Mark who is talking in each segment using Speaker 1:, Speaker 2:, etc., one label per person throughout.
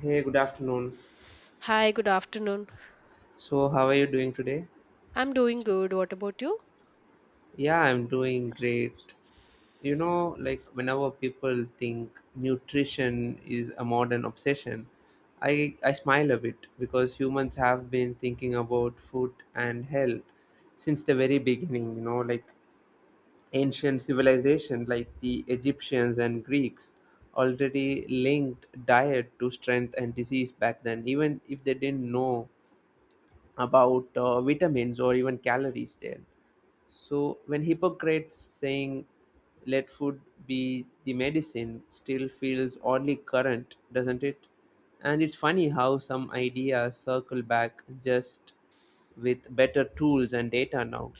Speaker 1: Hey, good afternoon.
Speaker 2: Hi, good afternoon.
Speaker 1: So, how are you doing today?
Speaker 2: I'm doing good. What about you?
Speaker 1: Yeah, I'm doing great. You know, like whenever people think nutrition is a modern obsession, I smile a bit because humans have been thinking about food and health since the very beginning, you know, like ancient civilization like the Egyptians and Greeks already linked diet to strength and disease back then, even if they didn't know about vitamins or even calories there. So when Hippocrates saying let food be the medicine still feels oddly current, doesn't it? And it's funny how some ideas circle back just with better tools and data now.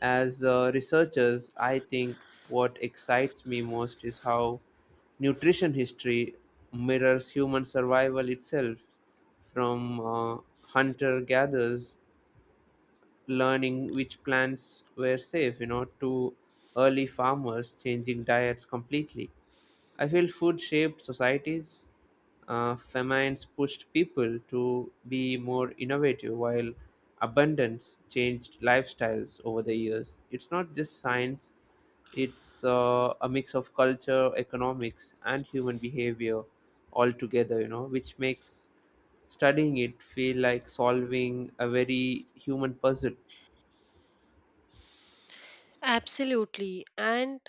Speaker 1: As researchers, I think what excites me most is how nutrition history mirrors human survival itself from hunter gatherers learning which plants were safe, you know, to early farmers changing diets completely. I feel food shaped societies. Famines pushed people to be more innovative, while abundance changed lifestyles over the years. It's not just science, it's a mix of culture, economics, and human behavior all together, you know, which makes studying it feel like solving a very human puzzle.
Speaker 2: Absolutely. And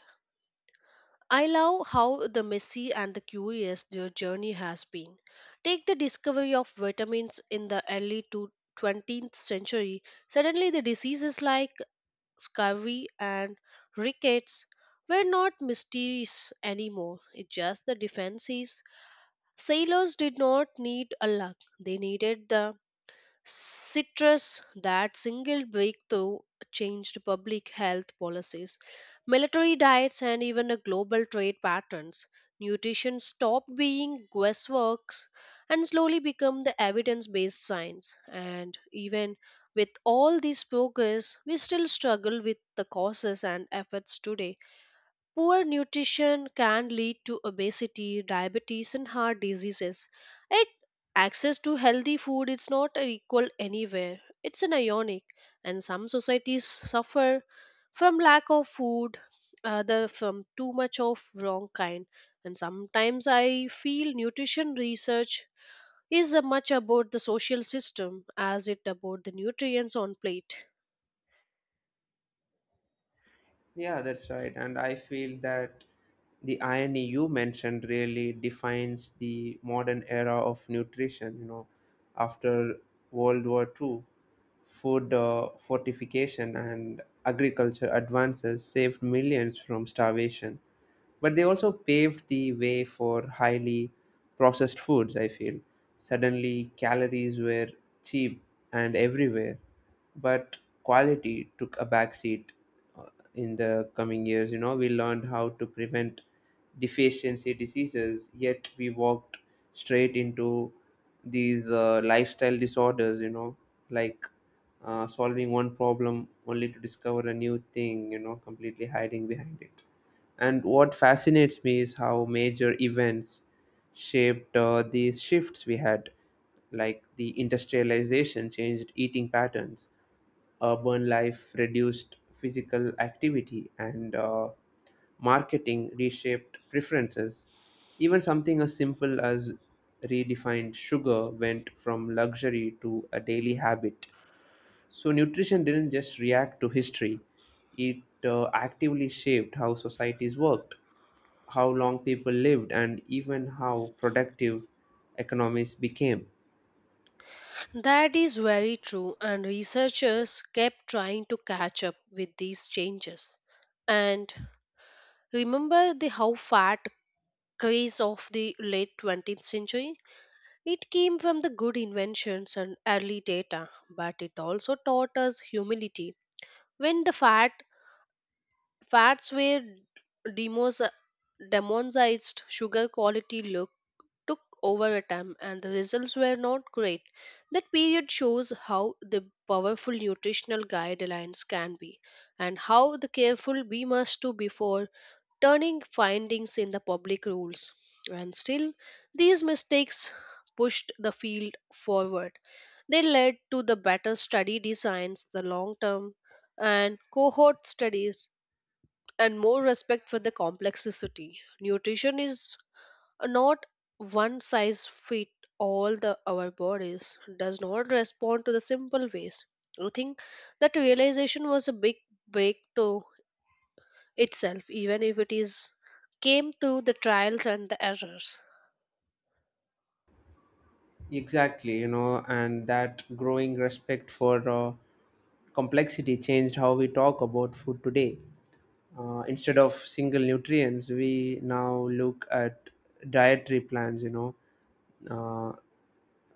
Speaker 2: I love how the messy and the curious their journey has been. Take the discovery of vitamins in the early to 20th century. Suddenly, the diseases like scurvy and rickets were not mysteries anymore. It's just the defenses. Sailors did not need a luck, they needed the citrus that single breakthrough changed public health policies, military diets, and even the global trade patterns. Nutrition stopped being guessworks and slowly become the evidence-based science. And even with all this progress, we still struggle with the causes and efforts today. Poor nutrition can lead to obesity, diabetes, and heart diseases. Yet, access to healthy food is not equal anywhere. It's an ionic, and some societies suffer from lack of food, other from too much of wrong kind. And sometimes I feel nutrition research is as much about the social system as it about the nutrients on plate.
Speaker 1: Yeah, that's right. And I feel that the irony you mentioned really defines the modern era of nutrition. You know, after World War II, food fortification and agriculture advances saved millions from starvation, but they also paved the way for highly processed foods, I feel. Suddenly, calories were cheap and everywhere, but quality took a backseat. uh, in the coming years, you know, we learned how to prevent deficiency diseases, yet we walked straight into these lifestyle disorders, you know, like solving one problem only to discover a new thing, you know, completely hiding behind it. And what fascinates me is how major events shaped these shifts we had, like the industrialization changed eating patterns, urban life reduced physical activity, and marketing reshaped preferences. Even something as simple as redefined sugar went from luxury to a daily habit. So, nutrition didn't just react to history, it actively shaped how societies worked, how long people lived, and even how productive economies became.
Speaker 2: That is very true, and researchers kept trying to catch up with these changes. And remember the how fat craze of the late 20th century? It came from the good inventions and early data, but it also taught us humility. When the fats were demos, demonized, sugar quality looked took over a time and the results were not great. That period shows how the powerful nutritional guidelines can be and how the careful we must do before turning findings in the public rules. And still, these mistakes pushed the field forward. They led to the better study designs, the long term and cohort studies, and more respect for the complexity. Nutrition is not one size fit all, the our bodies does not respond to the simple ways. I think that realization was a big breakthrough itself, even if it is came through the trials and the errors.
Speaker 1: Exactly, you know, and that growing respect for complexity changed how we talk about food today. Uh, Instead of single nutrients, we now look at dietary plans, you know, uh,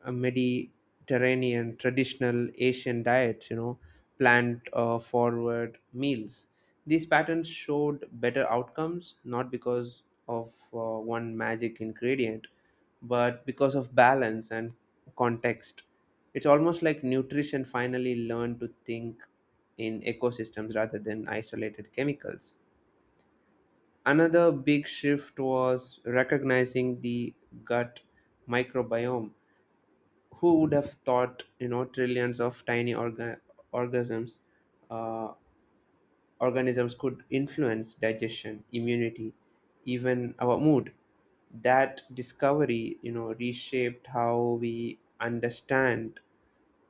Speaker 1: Mediterranean, traditional Asian diets, you know, plant forward meals. These patterns showed better outcomes not because of one magic ingredient, but because of balance and context. It's almost like nutrition finally learned to think in ecosystems rather than isolated chemicals. Another big shift was recognizing the gut microbiome. Who would have thought, you know, trillions of tiny organisms uh, organisms could influence digestion, immunity, even our mood. That discovery, you know, reshaped how we understand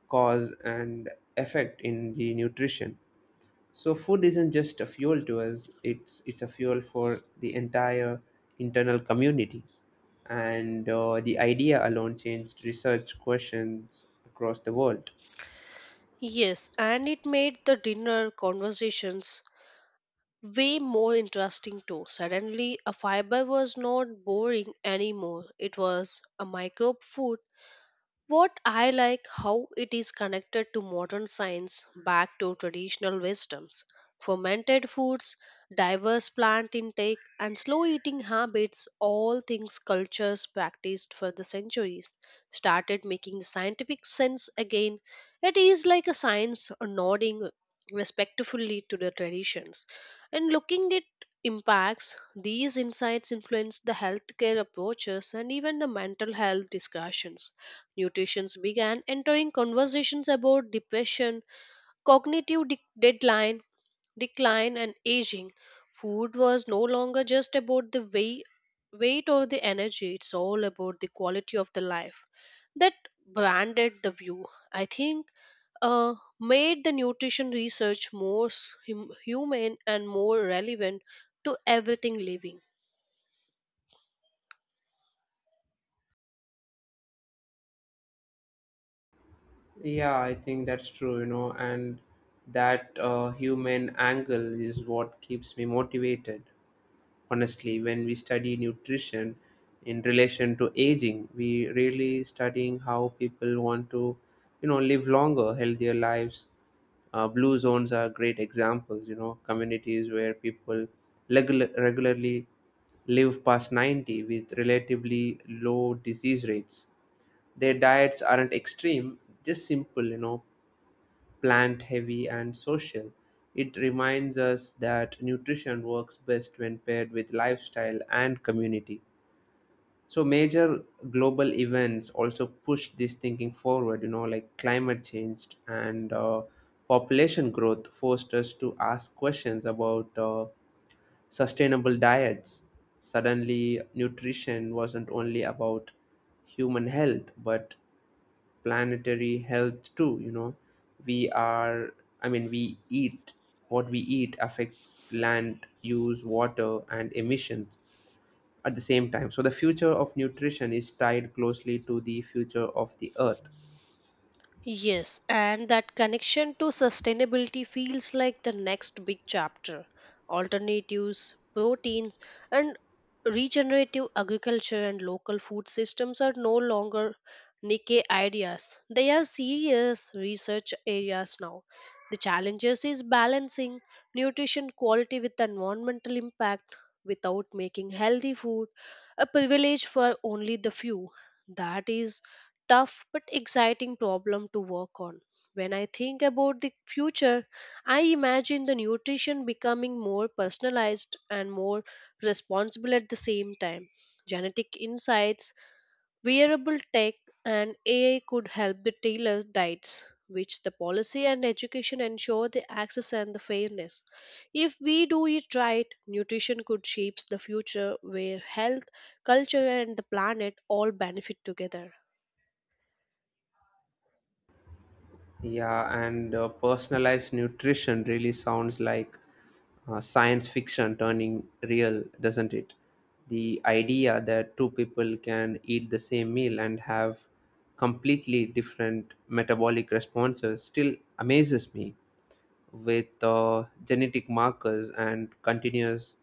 Speaker 1: cause and effect in the nutrition. So food isn't just a fuel to us, it's a fuel for the entire internal community. And the idea alone changed research questions across the world.
Speaker 2: Yes, and it made the dinner conversations way more interesting too. Suddenly a fiber was not boring anymore, it was a micro food. What I like how it is connected to modern science back to traditional wisdoms. Fermented foods, diverse plant intake, and slow eating habits, all things cultures practiced for the centuries, started making scientific sense again. It is like a science nodding respectfully to the traditions. And looking at impacts, these insights influence the healthcare approaches and even the mental health discussions. Nutritions began entering conversations about depression, cognitive decline, and aging. Food was no longer just about the weight or the energy, it's all about the quality of the life. That branded the view. I think made the nutrition research more human and more relevant to everything living.
Speaker 1: Yeah, I think that's true, you know, and that human angle is what keeps me motivated. Honestly, when we study nutrition in relation to aging, we really studying how people want to, you know, live longer, healthier lives. Blue zones are great examples, you know, communities where people regularly live past 90 with relatively low disease rates. Their diets aren't extreme, just simple, you know, plant heavy and social. It reminds us that nutrition works best when paired with lifestyle and community. So, major global events also push this thinking forward, you know, like climate change and population growth forced us to ask questions about sustainable diets. Suddenly, nutrition wasn't only about human health, but planetary health too. You know, we are I mean we eat what we eat affects land use, water, and emissions at the same time. So the future of nutrition is tied closely to the future of the earth.
Speaker 2: Yes, and that connection to sustainability feels like the next big chapter. Alternatives, proteins, and regenerative agriculture and local food systems are no longer niche ideas. They are serious research areas now. The challenges is balancing nutrition quality with environmental impact without making healthy food a privilege for only the few. That is tough but exciting problem to work on. When I think about the future, I imagine the nutrition becoming more personalized and more responsible at the same time. Genetic insights, wearable tech, and AI could help the tailor diets, which the policy and education ensure the access and the fairness. If we do it right, nutrition could shape the future where health, culture, and the planet all benefit together.
Speaker 1: Yeah, and personalized nutrition really sounds like science fiction turning real, doesn't it? The idea that two people can eat the same meal and have completely different metabolic responses still amazes me. With genetic markers and continuous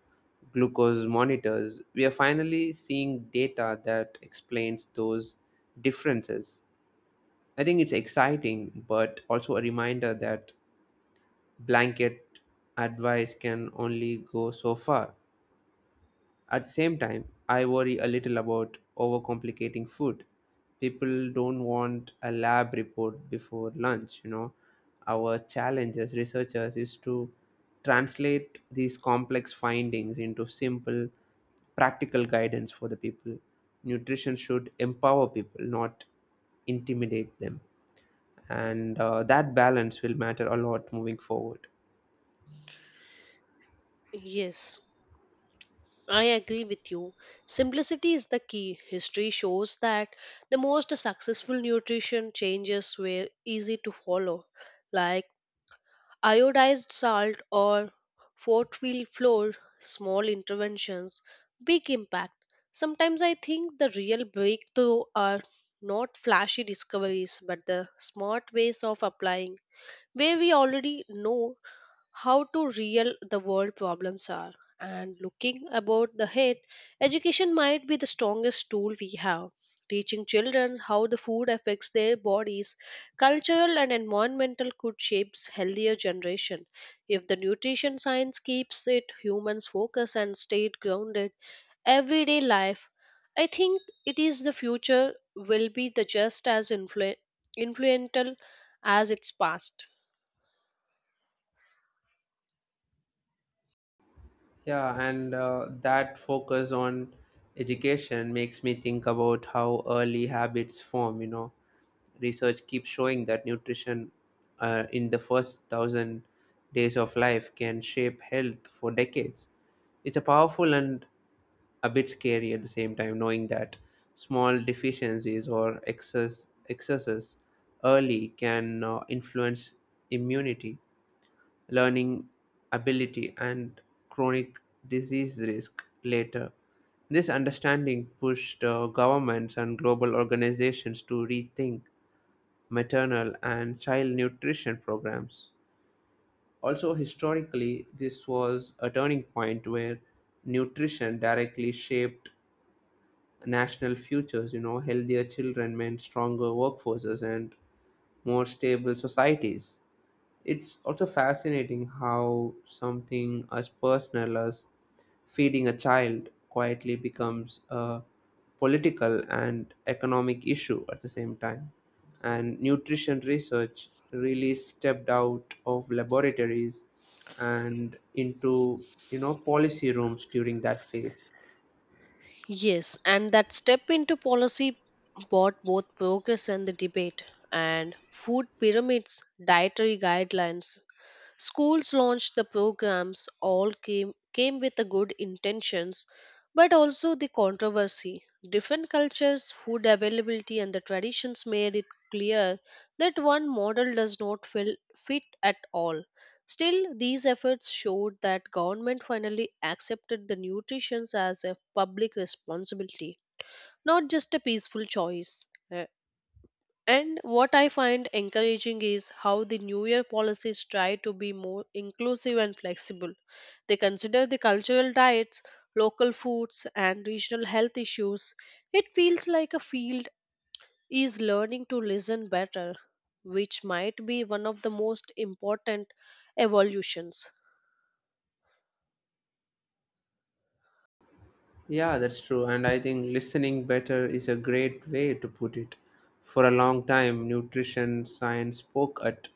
Speaker 1: glucose monitors, we are finally seeing data that explains those differences. I think it's exciting, but also a reminder that blanket advice can only go so far. At the same time, I worry a little about overcomplicating food. People don't want a lab report before lunch, you know. Our challenge as researchers is to translate these complex findings into simple, practical guidance for the people. Nutrition should empower people, not intimidate them. And that balance will matter a lot moving forward.
Speaker 2: Yes. I agree with you. Simplicity is the key. History shows that the most successful nutrition changes were easy to follow, like iodized salt or fortfield flour, small interventions, big impact. Sometimes I think the real breakthrough are not flashy discoveries but the smart ways of applying where we already know how to real the world problems are. And looking about the head, education might be the strongest tool we have, teaching children how the food affects their bodies, cultural and environmental could shapes healthier generation. If the nutrition science keeps it humans focus and stayed grounded everyday life, I think it is the future will be the just as influential as its past.
Speaker 1: Yeah, and that focus on education makes me think about how early habits form. You know, research keeps showing that nutrition in the first 1,000 days of life can shape health for decades. It's a powerful and a bit scary at the same time, knowing that small deficiencies or excesses early can influence immunity, learning ability, and chronic disease risk later. This understanding pushed governments and global organizations to rethink maternal and child nutrition programs. Also, historically, this was a turning point where nutrition directly shaped national futures. You know, healthier children meant stronger workforces and more stable societies. It's also fascinating how something as personal as feeding a child quietly becomes a political and economic issue at the same time. And nutrition research really stepped out of laboratories and into, you know, policy rooms during that phase.
Speaker 2: Yes, and that step into policy brought both progress and the debate. And food pyramids, dietary guidelines, schools launched the programs, all came with the good intentions, but also the controversy. Different cultures, food availability, and the traditions made it clear that one model does not fit at all. Still, these efforts showed that government finally accepted the nutrition as a public responsibility, not just a peaceful choice. Uh, And what I find encouraging is how the New Year policies try to be more inclusive and flexible. They consider the cultural diets, local foods, and regional health issues. It feels like a field is learning to listen better, which might be one of the most important evolutions.
Speaker 1: Yeah, that's true. And I think listening better is a great way to put it. For a long time, nutrition science spoke at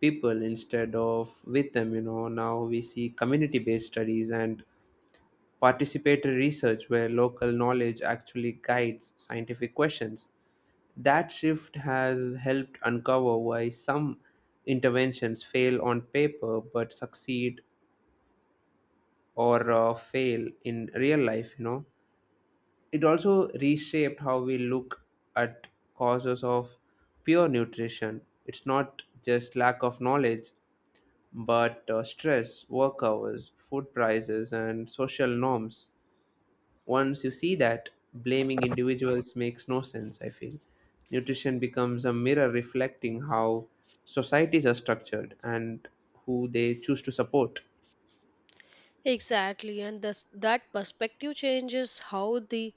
Speaker 1: people instead of with them, you know. Now we see community based studies and participatory research where local knowledge actually guides scientific questions. That shift has helped uncover why some interventions fail on paper but succeed, or fail in real life, you know. It also reshaped how we look at causes of pure nutrition. It's not just lack of knowledge, but stress, work hours, food prices, and social norms. Once you see that, blaming individuals makes no sense, I feel. Nutrition becomes a mirror reflecting how societies are structured and who they choose to support.
Speaker 2: Exactly, and thus that perspective changes how the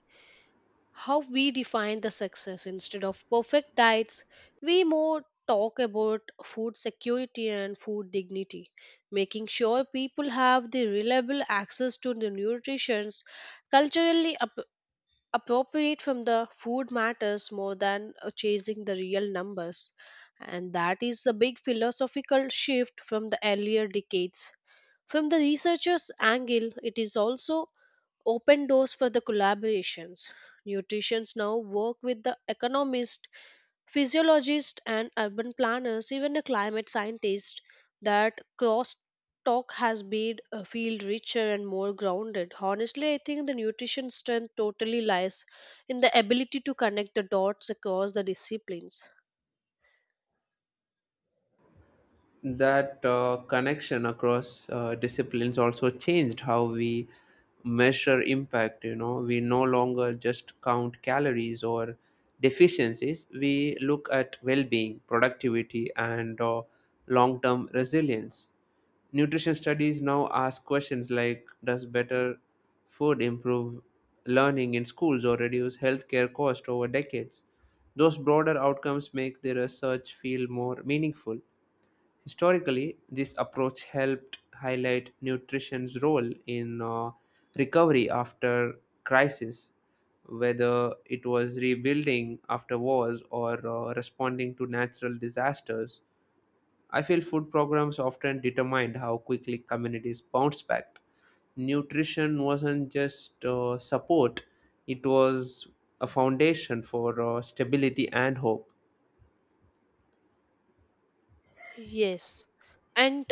Speaker 2: how we define the success. Instead of perfect diets, we more talk about food security and food dignity, making sure people have the reliable access to the nutrition culturally appropriate from the food matters more than chasing the real numbers. And that is a big philosophical shift from the earlier decades. From the researcher's angle, it is also open doors for the collaborations. Nutritionists now work with the economists, physiologists, and urban planners, even the climate scientists. That cross talk has made a field richer and more grounded. Honestly, I think the nutrition strength totally lies in the ability to connect the dots across the disciplines.
Speaker 1: That connection across disciplines also changed how we measure impact. You know, we no longer just count calories or deficiencies, we look at well-being, productivity, and long-term resilience. Nutrition studies now ask questions like, does better food improve learning in schools or reduce healthcare cost over decades? Those broader outcomes make the research feel more meaningful. Historically, this approach helped highlight nutrition's role in recovery after crisis, whether it was rebuilding after wars or responding to natural disasters. I feel food programs often determined how quickly communities bounced back. Nutrition wasn't just support, it was a foundation for stability and hope.
Speaker 2: Yes. And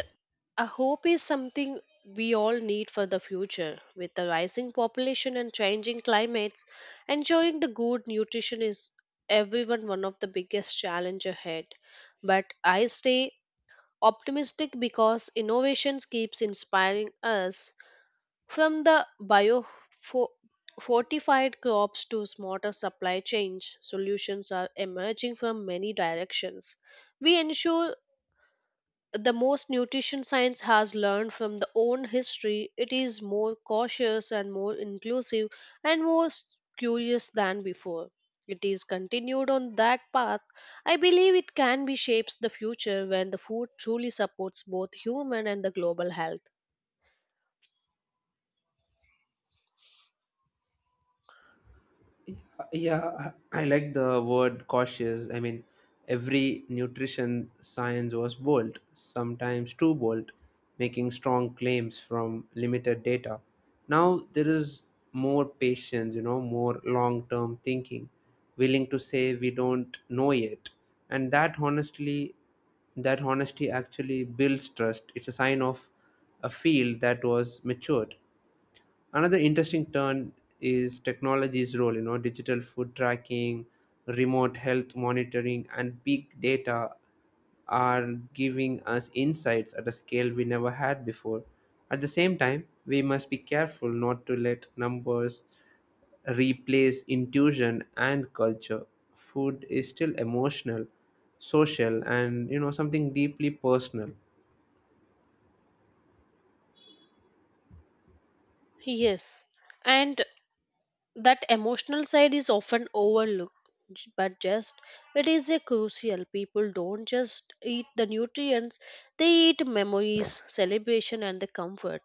Speaker 2: a hope is something we all need for the future. With the rising population and changing climates, ensuring the good nutrition is everyone one of the biggest challenge ahead. But I stay optimistic because innovations keeps inspiring us from the bio fortified crops to smarter supply chain solutions are emerging from many directions. We ensure the most nutrition science has learned from the own history, it is more cautious and more inclusive and more curious than before. It is continued on that path, I believe it can be shapes the future when the food truly supports both human and the global health.
Speaker 1: Yeah, I like the word cautious. I mean, every nutrition science was bold, sometimes too bold, making strong claims from limited data. Now there is more patience, you know, more long term thinking, willing to say we don't know yet. And that honesty actually builds trust. It's a sign of a field that was matured. Another interesting turn is technology's role. You know, digital food tracking, remote health monitoring, and big data are giving us insights at a scale we never had before. At the same time, we must be careful not to let numbers replace intuition and culture. Food is still emotional, social, and, you know, something deeply personal.
Speaker 2: Yes, and that emotional side is often overlooked. But just it is a crucial, people don't just eat the nutrients, they eat memories celebration and the comfort.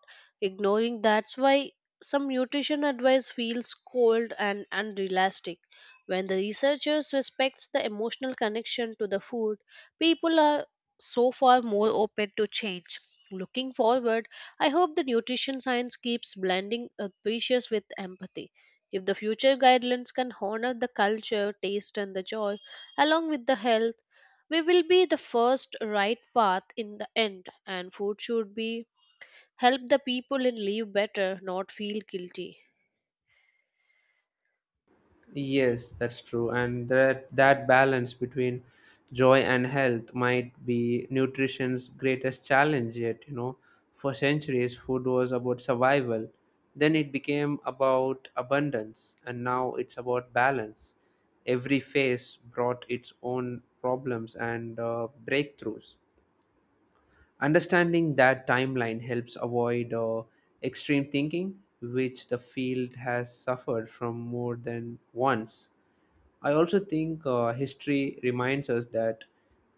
Speaker 2: Ignoring that's why some nutrition advice feels cold and unrealistic. When the researchers respects the emotional connection to the food, people are so far more open to change. Looking forward, I hope the nutrition science keeps blending a precious with empathy. If the future guidelines can honor the culture, taste, and the joy, along with the health, we will be the first right path in the end. And food should be help the people and live better, not feel guilty.
Speaker 1: Yes, that's true. And that balance between joy and health might be nutrition's greatest challenge yet, you know. For centuries food was about survival. Then it became about abundance, and now it's about balance. Every phase brought its own problems and breakthroughs. Understanding that timeline helps avoid extreme thinking, which the field has suffered from more than once. I also think history reminds us that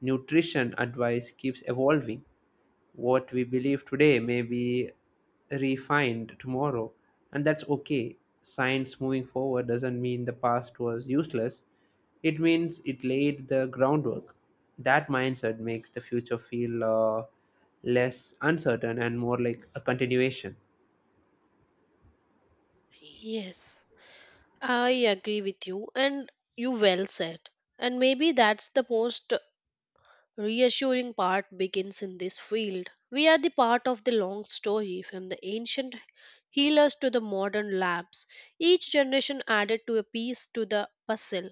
Speaker 1: nutrition advice keeps evolving. What we believe today may be refined tomorrow, and that's okay. Science moving forward doesn't mean the past was useless, it means it laid the groundwork. That mindset makes the future feel less uncertain and more like a continuation.
Speaker 2: Yes, I agree with you, and you well said. And maybe that's the most reassuring part begins in this field. We are the part of the long story from the ancient healers to the modern labs. Each generation added to a piece to the puzzle.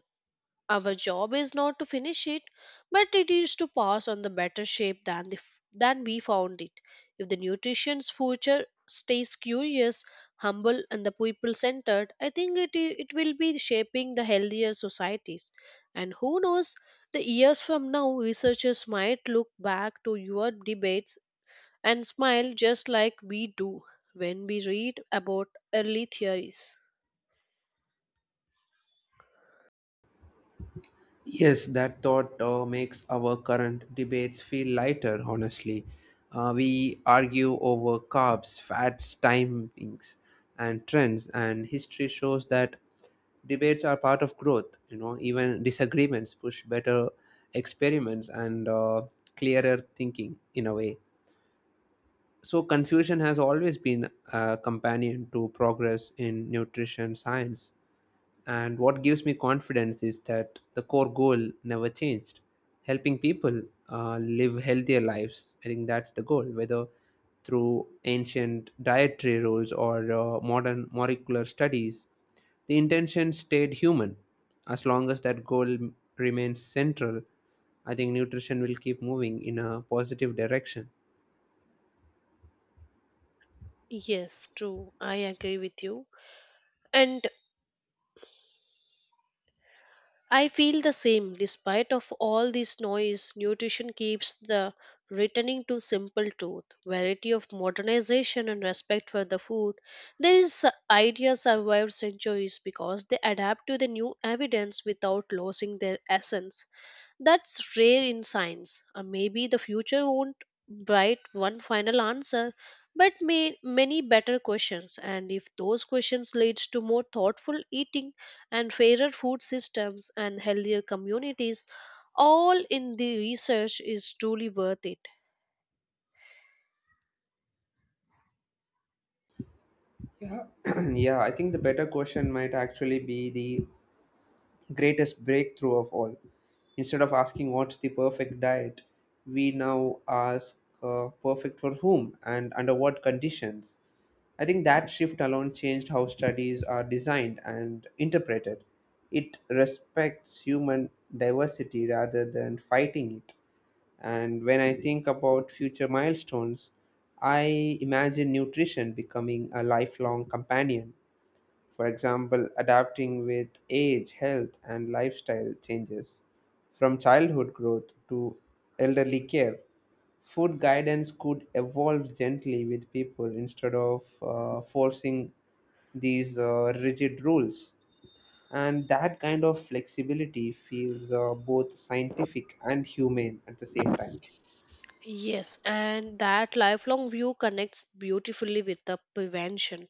Speaker 2: Our job is not to finish it, but it is to pass on the better shape than than we found it. If the nutrition's future stays curious, humble, and the people centered, I think it will be shaping the healthier societies. And who knows, the years from now, researchers might look back to your debates and smile just like we do when we read about early theories.
Speaker 1: Yes, that thought makes our current debates feel lighter, honestly. We argue over carbs, fats, timings, and trends, and history shows that debates are part of growth. You know, even disagreements push better experiments and clearer thinking in a way. So, confusion has always been a companion to progress in nutrition science. And what gives me confidence is that the core goal never changed, helping people live healthier lives. I think that's the goal, whether through ancient dietary rules or modern molecular studies. The intention stayed human. As long as that goal remains central, I think nutrition will keep moving in a positive direction.
Speaker 2: Yes, true. I agree with you. And I feel the same. Despite of all this noise, nutrition keeps the returning to simple truth, variety of modernization and respect for the food. These ideas survive centuries because they adapt to the new evidence without losing their essence. That's rare in science. Maybe the future won't write one final answer, but may many better questions. And if those questions leads to more thoughtful eating and fairer food systems and healthier communities, all in the research is truly worth it.
Speaker 1: Yeah, yeah. I think the better question might actually be the greatest breakthrough of all. Instead of asking what's the perfect diet, we now ask perfect for whom and under what conditions. I think that shift alone changed how studies are designed and interpreted. It respects human diversity rather than fighting it. And when I think about future milestones, I imagine nutrition becoming a lifelong companion, for example, adapting with age, health, and lifestyle changes. From childhood growth to elderly care, food guidance could evolve gently with people instead of forcing these rigid rules. And that kind of flexibility feels both scientific and humane at the same time.
Speaker 2: Yes, and that lifelong view connects beautifully with the prevention.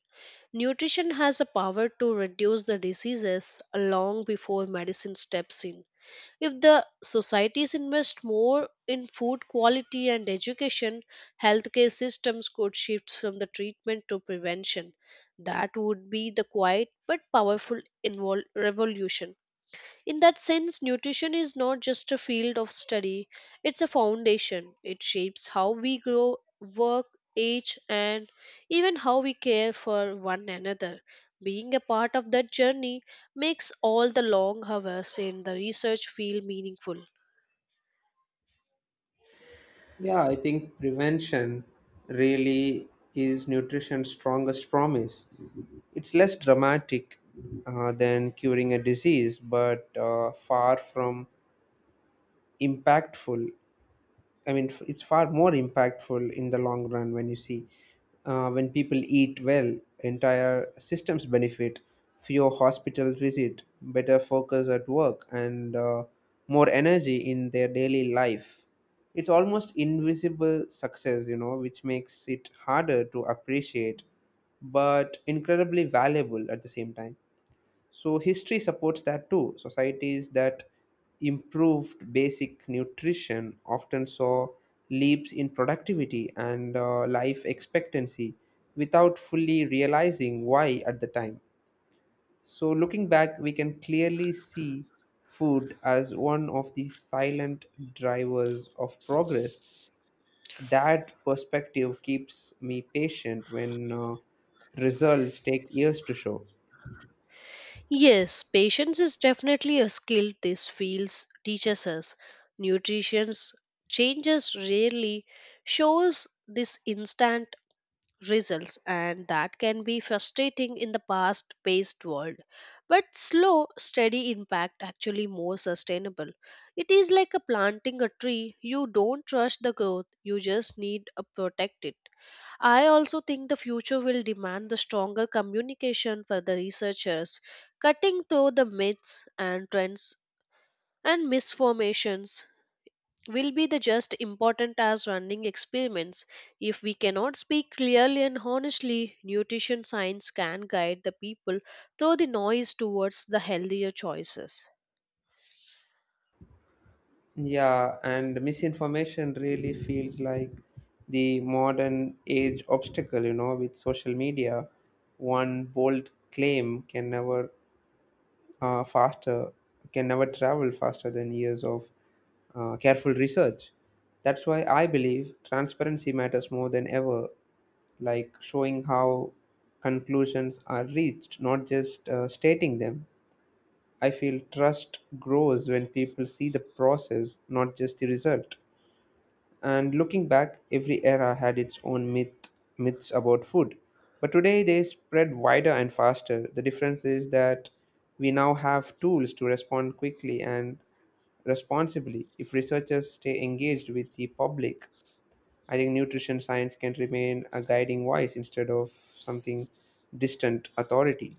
Speaker 2: Nutrition has a power to reduce the diseases long before medicine steps in. If the societies invest more in food quality and education, healthcare systems could shift from the treatment to prevention. That would be the quiet but powerful revolution. In that sense, nutrition is not just a field of study, it's a foundation. It shapes how we grow, work, age, and even how we care for one another. Being a part of that journey makes all the long hours in the research feel meaningful.
Speaker 1: Yeah, I think prevention really is nutrition's strongest promise. It's less dramatic than curing a disease, but far from impactful, I mean, it's far more impactful in the long run. When you see, when people eat well, entire systems benefit, fewer hospitals visit, better focus at work, and more energy in their daily life. It's almost invisible success, you know, which makes it harder to appreciate, but incredibly valuable at the same time. So history supports that too. Societies that improved basic nutrition often saw leaps in productivity and life expectancy without fully realizing why at the time. So looking back, we can clearly see food as one of the silent drivers of progress. That perspective keeps me patient when results take years to show.
Speaker 2: Yes, patience is definitely a skill this field teaches us. Nutrition's changes rarely shows this instant results and that can be frustrating in the past paced world, but slow steady impact actually more sustainable. It is like a planting a tree, you don't rush the growth, you just need to protect it. I also think the future will demand the stronger communication for the researchers. Cutting through the myths and trends and misformations will be the just important as running experiments. If we cannot speak clearly and honestly, nutrition science can guide the people through the noise towards the healthier choices.
Speaker 1: Yeah, and misinformation really feels like the modern age obstacle, you know, with social media. One bold claim can uh, faster never travel faster than years of careful research. That's why I believe transparency matters more than ever, like showing how conclusions are reached, not just stating them. I feel trust grows when people see the process, not just the result. And looking back, every era had its own myths about food. But today they spread wider and faster. The difference is that we now have tools to respond quickly and responsibly. If researchers stay engaged with the public, I think nutrition science can remain a guiding voice instead of something distant authority.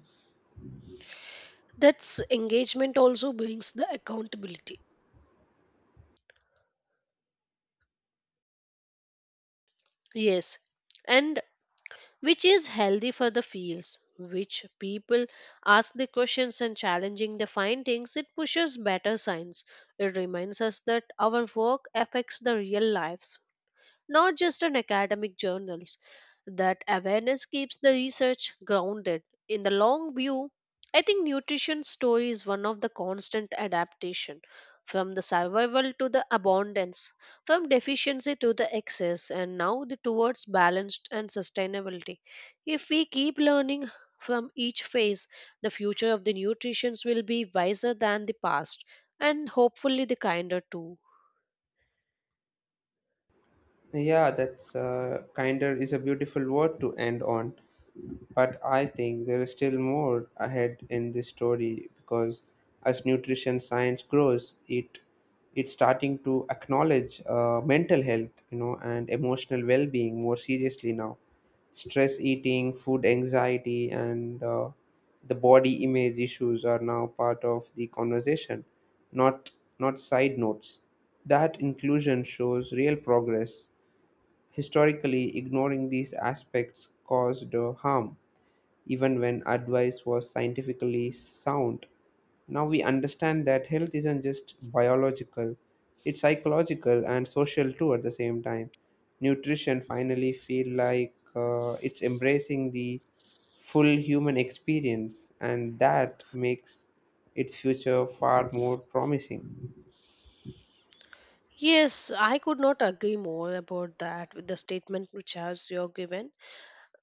Speaker 2: That's engagement also brings the accountability, yes, and which is healthy for the fields, which people ask the questions and challenging the findings, it pushes better science. It reminds us that our work affects the real lives, not just in academic journals. That awareness keeps the research grounded. In the long view, I think nutrition story is one of the constant adaptation from the survival to the abundance, from deficiency to the excess, and now the towards balanced and sustainability. If we keep learning from each phase, the future of the nutrition will be wiser than the past and hopefully the kinder too.
Speaker 1: Yeah, that's kinder is a beautiful word to end on. But I think there is still more ahead in this story because as nutrition science grows, it's starting to acknowledge mental health, you know, and emotional well-being more seriously now. Stress eating, food anxiety, and the body image issues are now part of the conversation, not not side notes. That inclusion shows real progress. Historically, ignoring these aspects caused harm even when advice was scientifically sound. Now we understand that health isn't just biological, it's psychological and social too at the same time. Nutrition finally feel like it's embracing the full human experience, and that makes its future far more promising.
Speaker 2: Yes, I could not agree more about that with the statement which has you have given.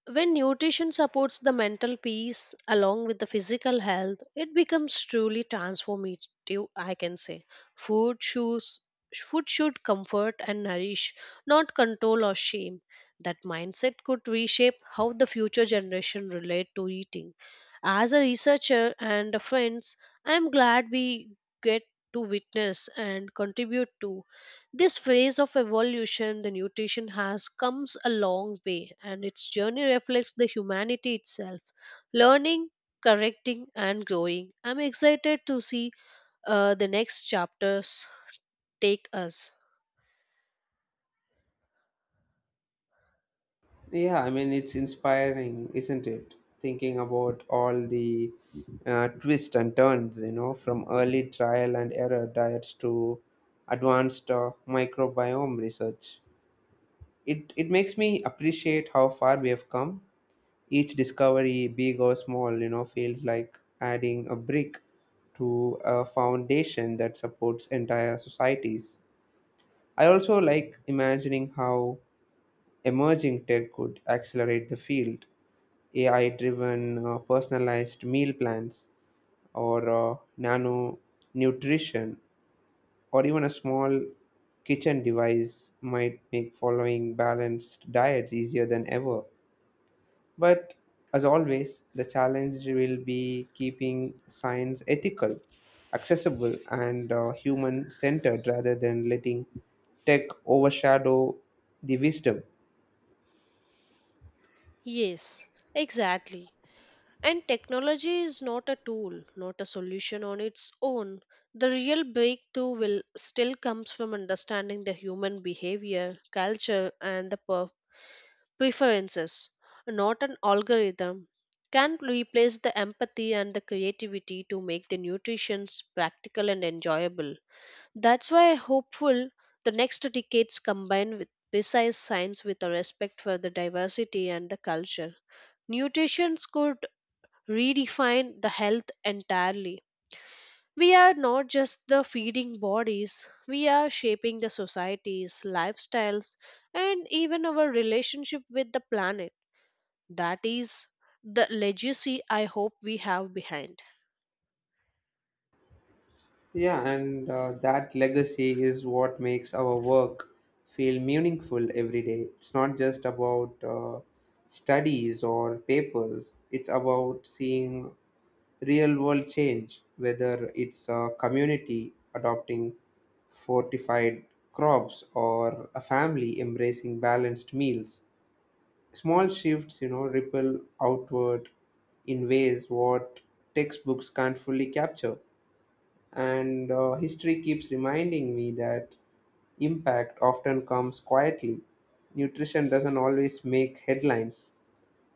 Speaker 2: When nutrition supports the mental peace along with the physical health, it becomes truly transformative, I can say. Food shoes Food should comfort and nourish, not control or shame. That mindset could reshape how the future generation relate to eating. As a researcher and a friends, I am glad we get to witness and contribute to this phase of evolution. The nutrition has comes a long way and its journey reflects the humanity itself, learning, correcting and growing. I'm excited to see the next chapters take us.
Speaker 1: Yeah, I mean, it's inspiring, isn't it? Thinking about all the twists and turns, you know, from early trial and error diets to advanced microbiome research. It makes me appreciate how far we have come. Each discovery, big or small, you know, feels like adding a brick to a foundation that supports entire societies. I also like imagining how emerging tech could accelerate the field. AI-driven personalized meal plans, or nano nutrition, or even a small kitchen device might make following balanced diets easier than ever. But as always, the challenge will be keeping science ethical, accessible, and human centered, rather than letting tech overshadow the wisdom.
Speaker 2: Yes, exactly. And technology is not a tool, not a solution on its own. The real breakthrough will still comes from understanding the human behavior, culture and the purpose preferences, not an algorithm, can replace the empathy and the creativity to make the nutrition practical and enjoyable. That's why I'm hopeful the next decades combine with precise science with a respect for the diversity and the culture. Nutrition could redefine the health entirely. We are not just the feeding bodies, we are shaping the societies, lifestyles, and even our relationship with the planet. That is the legacy I hope we have behind.
Speaker 1: Yeah, and that legacy is what makes our work feel meaningful every day. It's not just about studies or papers, it's about seeing real world change, whether it's a community adopting fortified crops or a family embracing balanced meals. Small shifts, you know, ripple outward in ways what textbooks can't fully capture. And history keeps reminding me that impact often comes quietly. Nutrition doesn't always make headlines,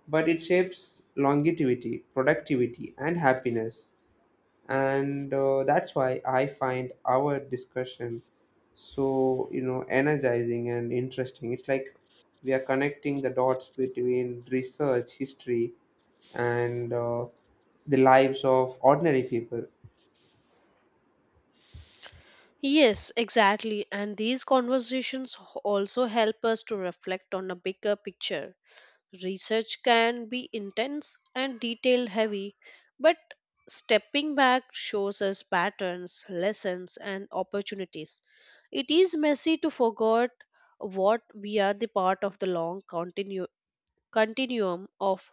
Speaker 1: but it shapes longevity, productivity, and happiness. And that's why I find our discussion so, you know, energizing and interesting. It's like we are connecting the dots between research, history, and the lives of ordinary people.
Speaker 2: Yes, exactly. And these conversations also help us to reflect on a bigger picture. Research can be intense and detail heavy, but stepping back shows us patterns, lessons, and opportunities. It is messy to forget what we are the part of the long continuum of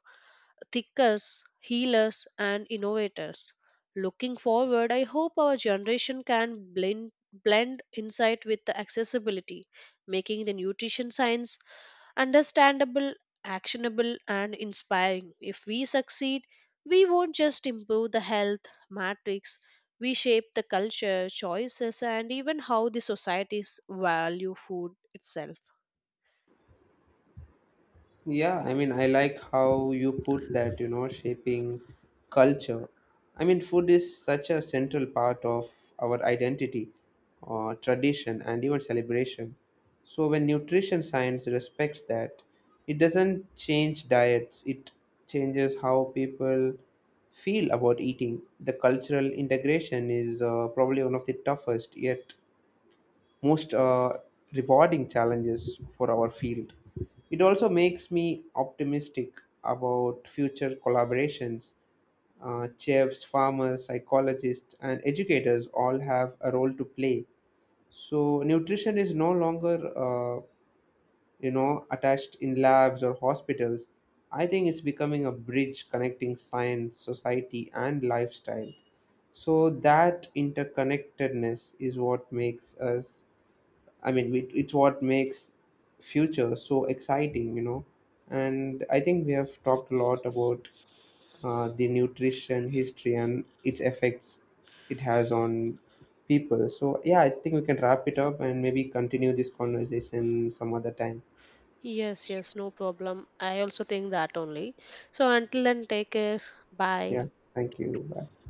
Speaker 2: thinkers, healers, and innovators. Looking forward, I hope our generation can blend insight with the accessibility, making the nutrition science understandable, actionable, and inspiring. If we succeed, we won't just improve the health matrix, we shape the culture, choices, and even how the societies value food itself.
Speaker 1: Yeah, I mean, I like how you put that, you know, shaping culture. I mean, food is such a central part of our identity, tradition, and even celebration. So, when nutrition science respects that, it doesn't change diets, it changes how people feel about eating. The cultural integration is probably one of the toughest yet most rewarding challenges for our field. It also makes me optimistic about future collaborations. Chefs, farmers, psychologists, and educators all have a role to play. So nutrition is no longer, uh, you know, attached in labs or hospitals. I think it's becoming a bridge connecting science, society, and lifestyle. So that interconnectedness is what makes us, I mean, it's what makes future so exciting, you know. And I think we have talked a lot about the nutrition history and its effects it has on people. So yeah, I think we can wrap it up and maybe continue this conversation some other time.
Speaker 2: Yes, yes, no problem. I also think that only. So until then, take care. Bye.
Speaker 1: Yeah, thank you. Bye.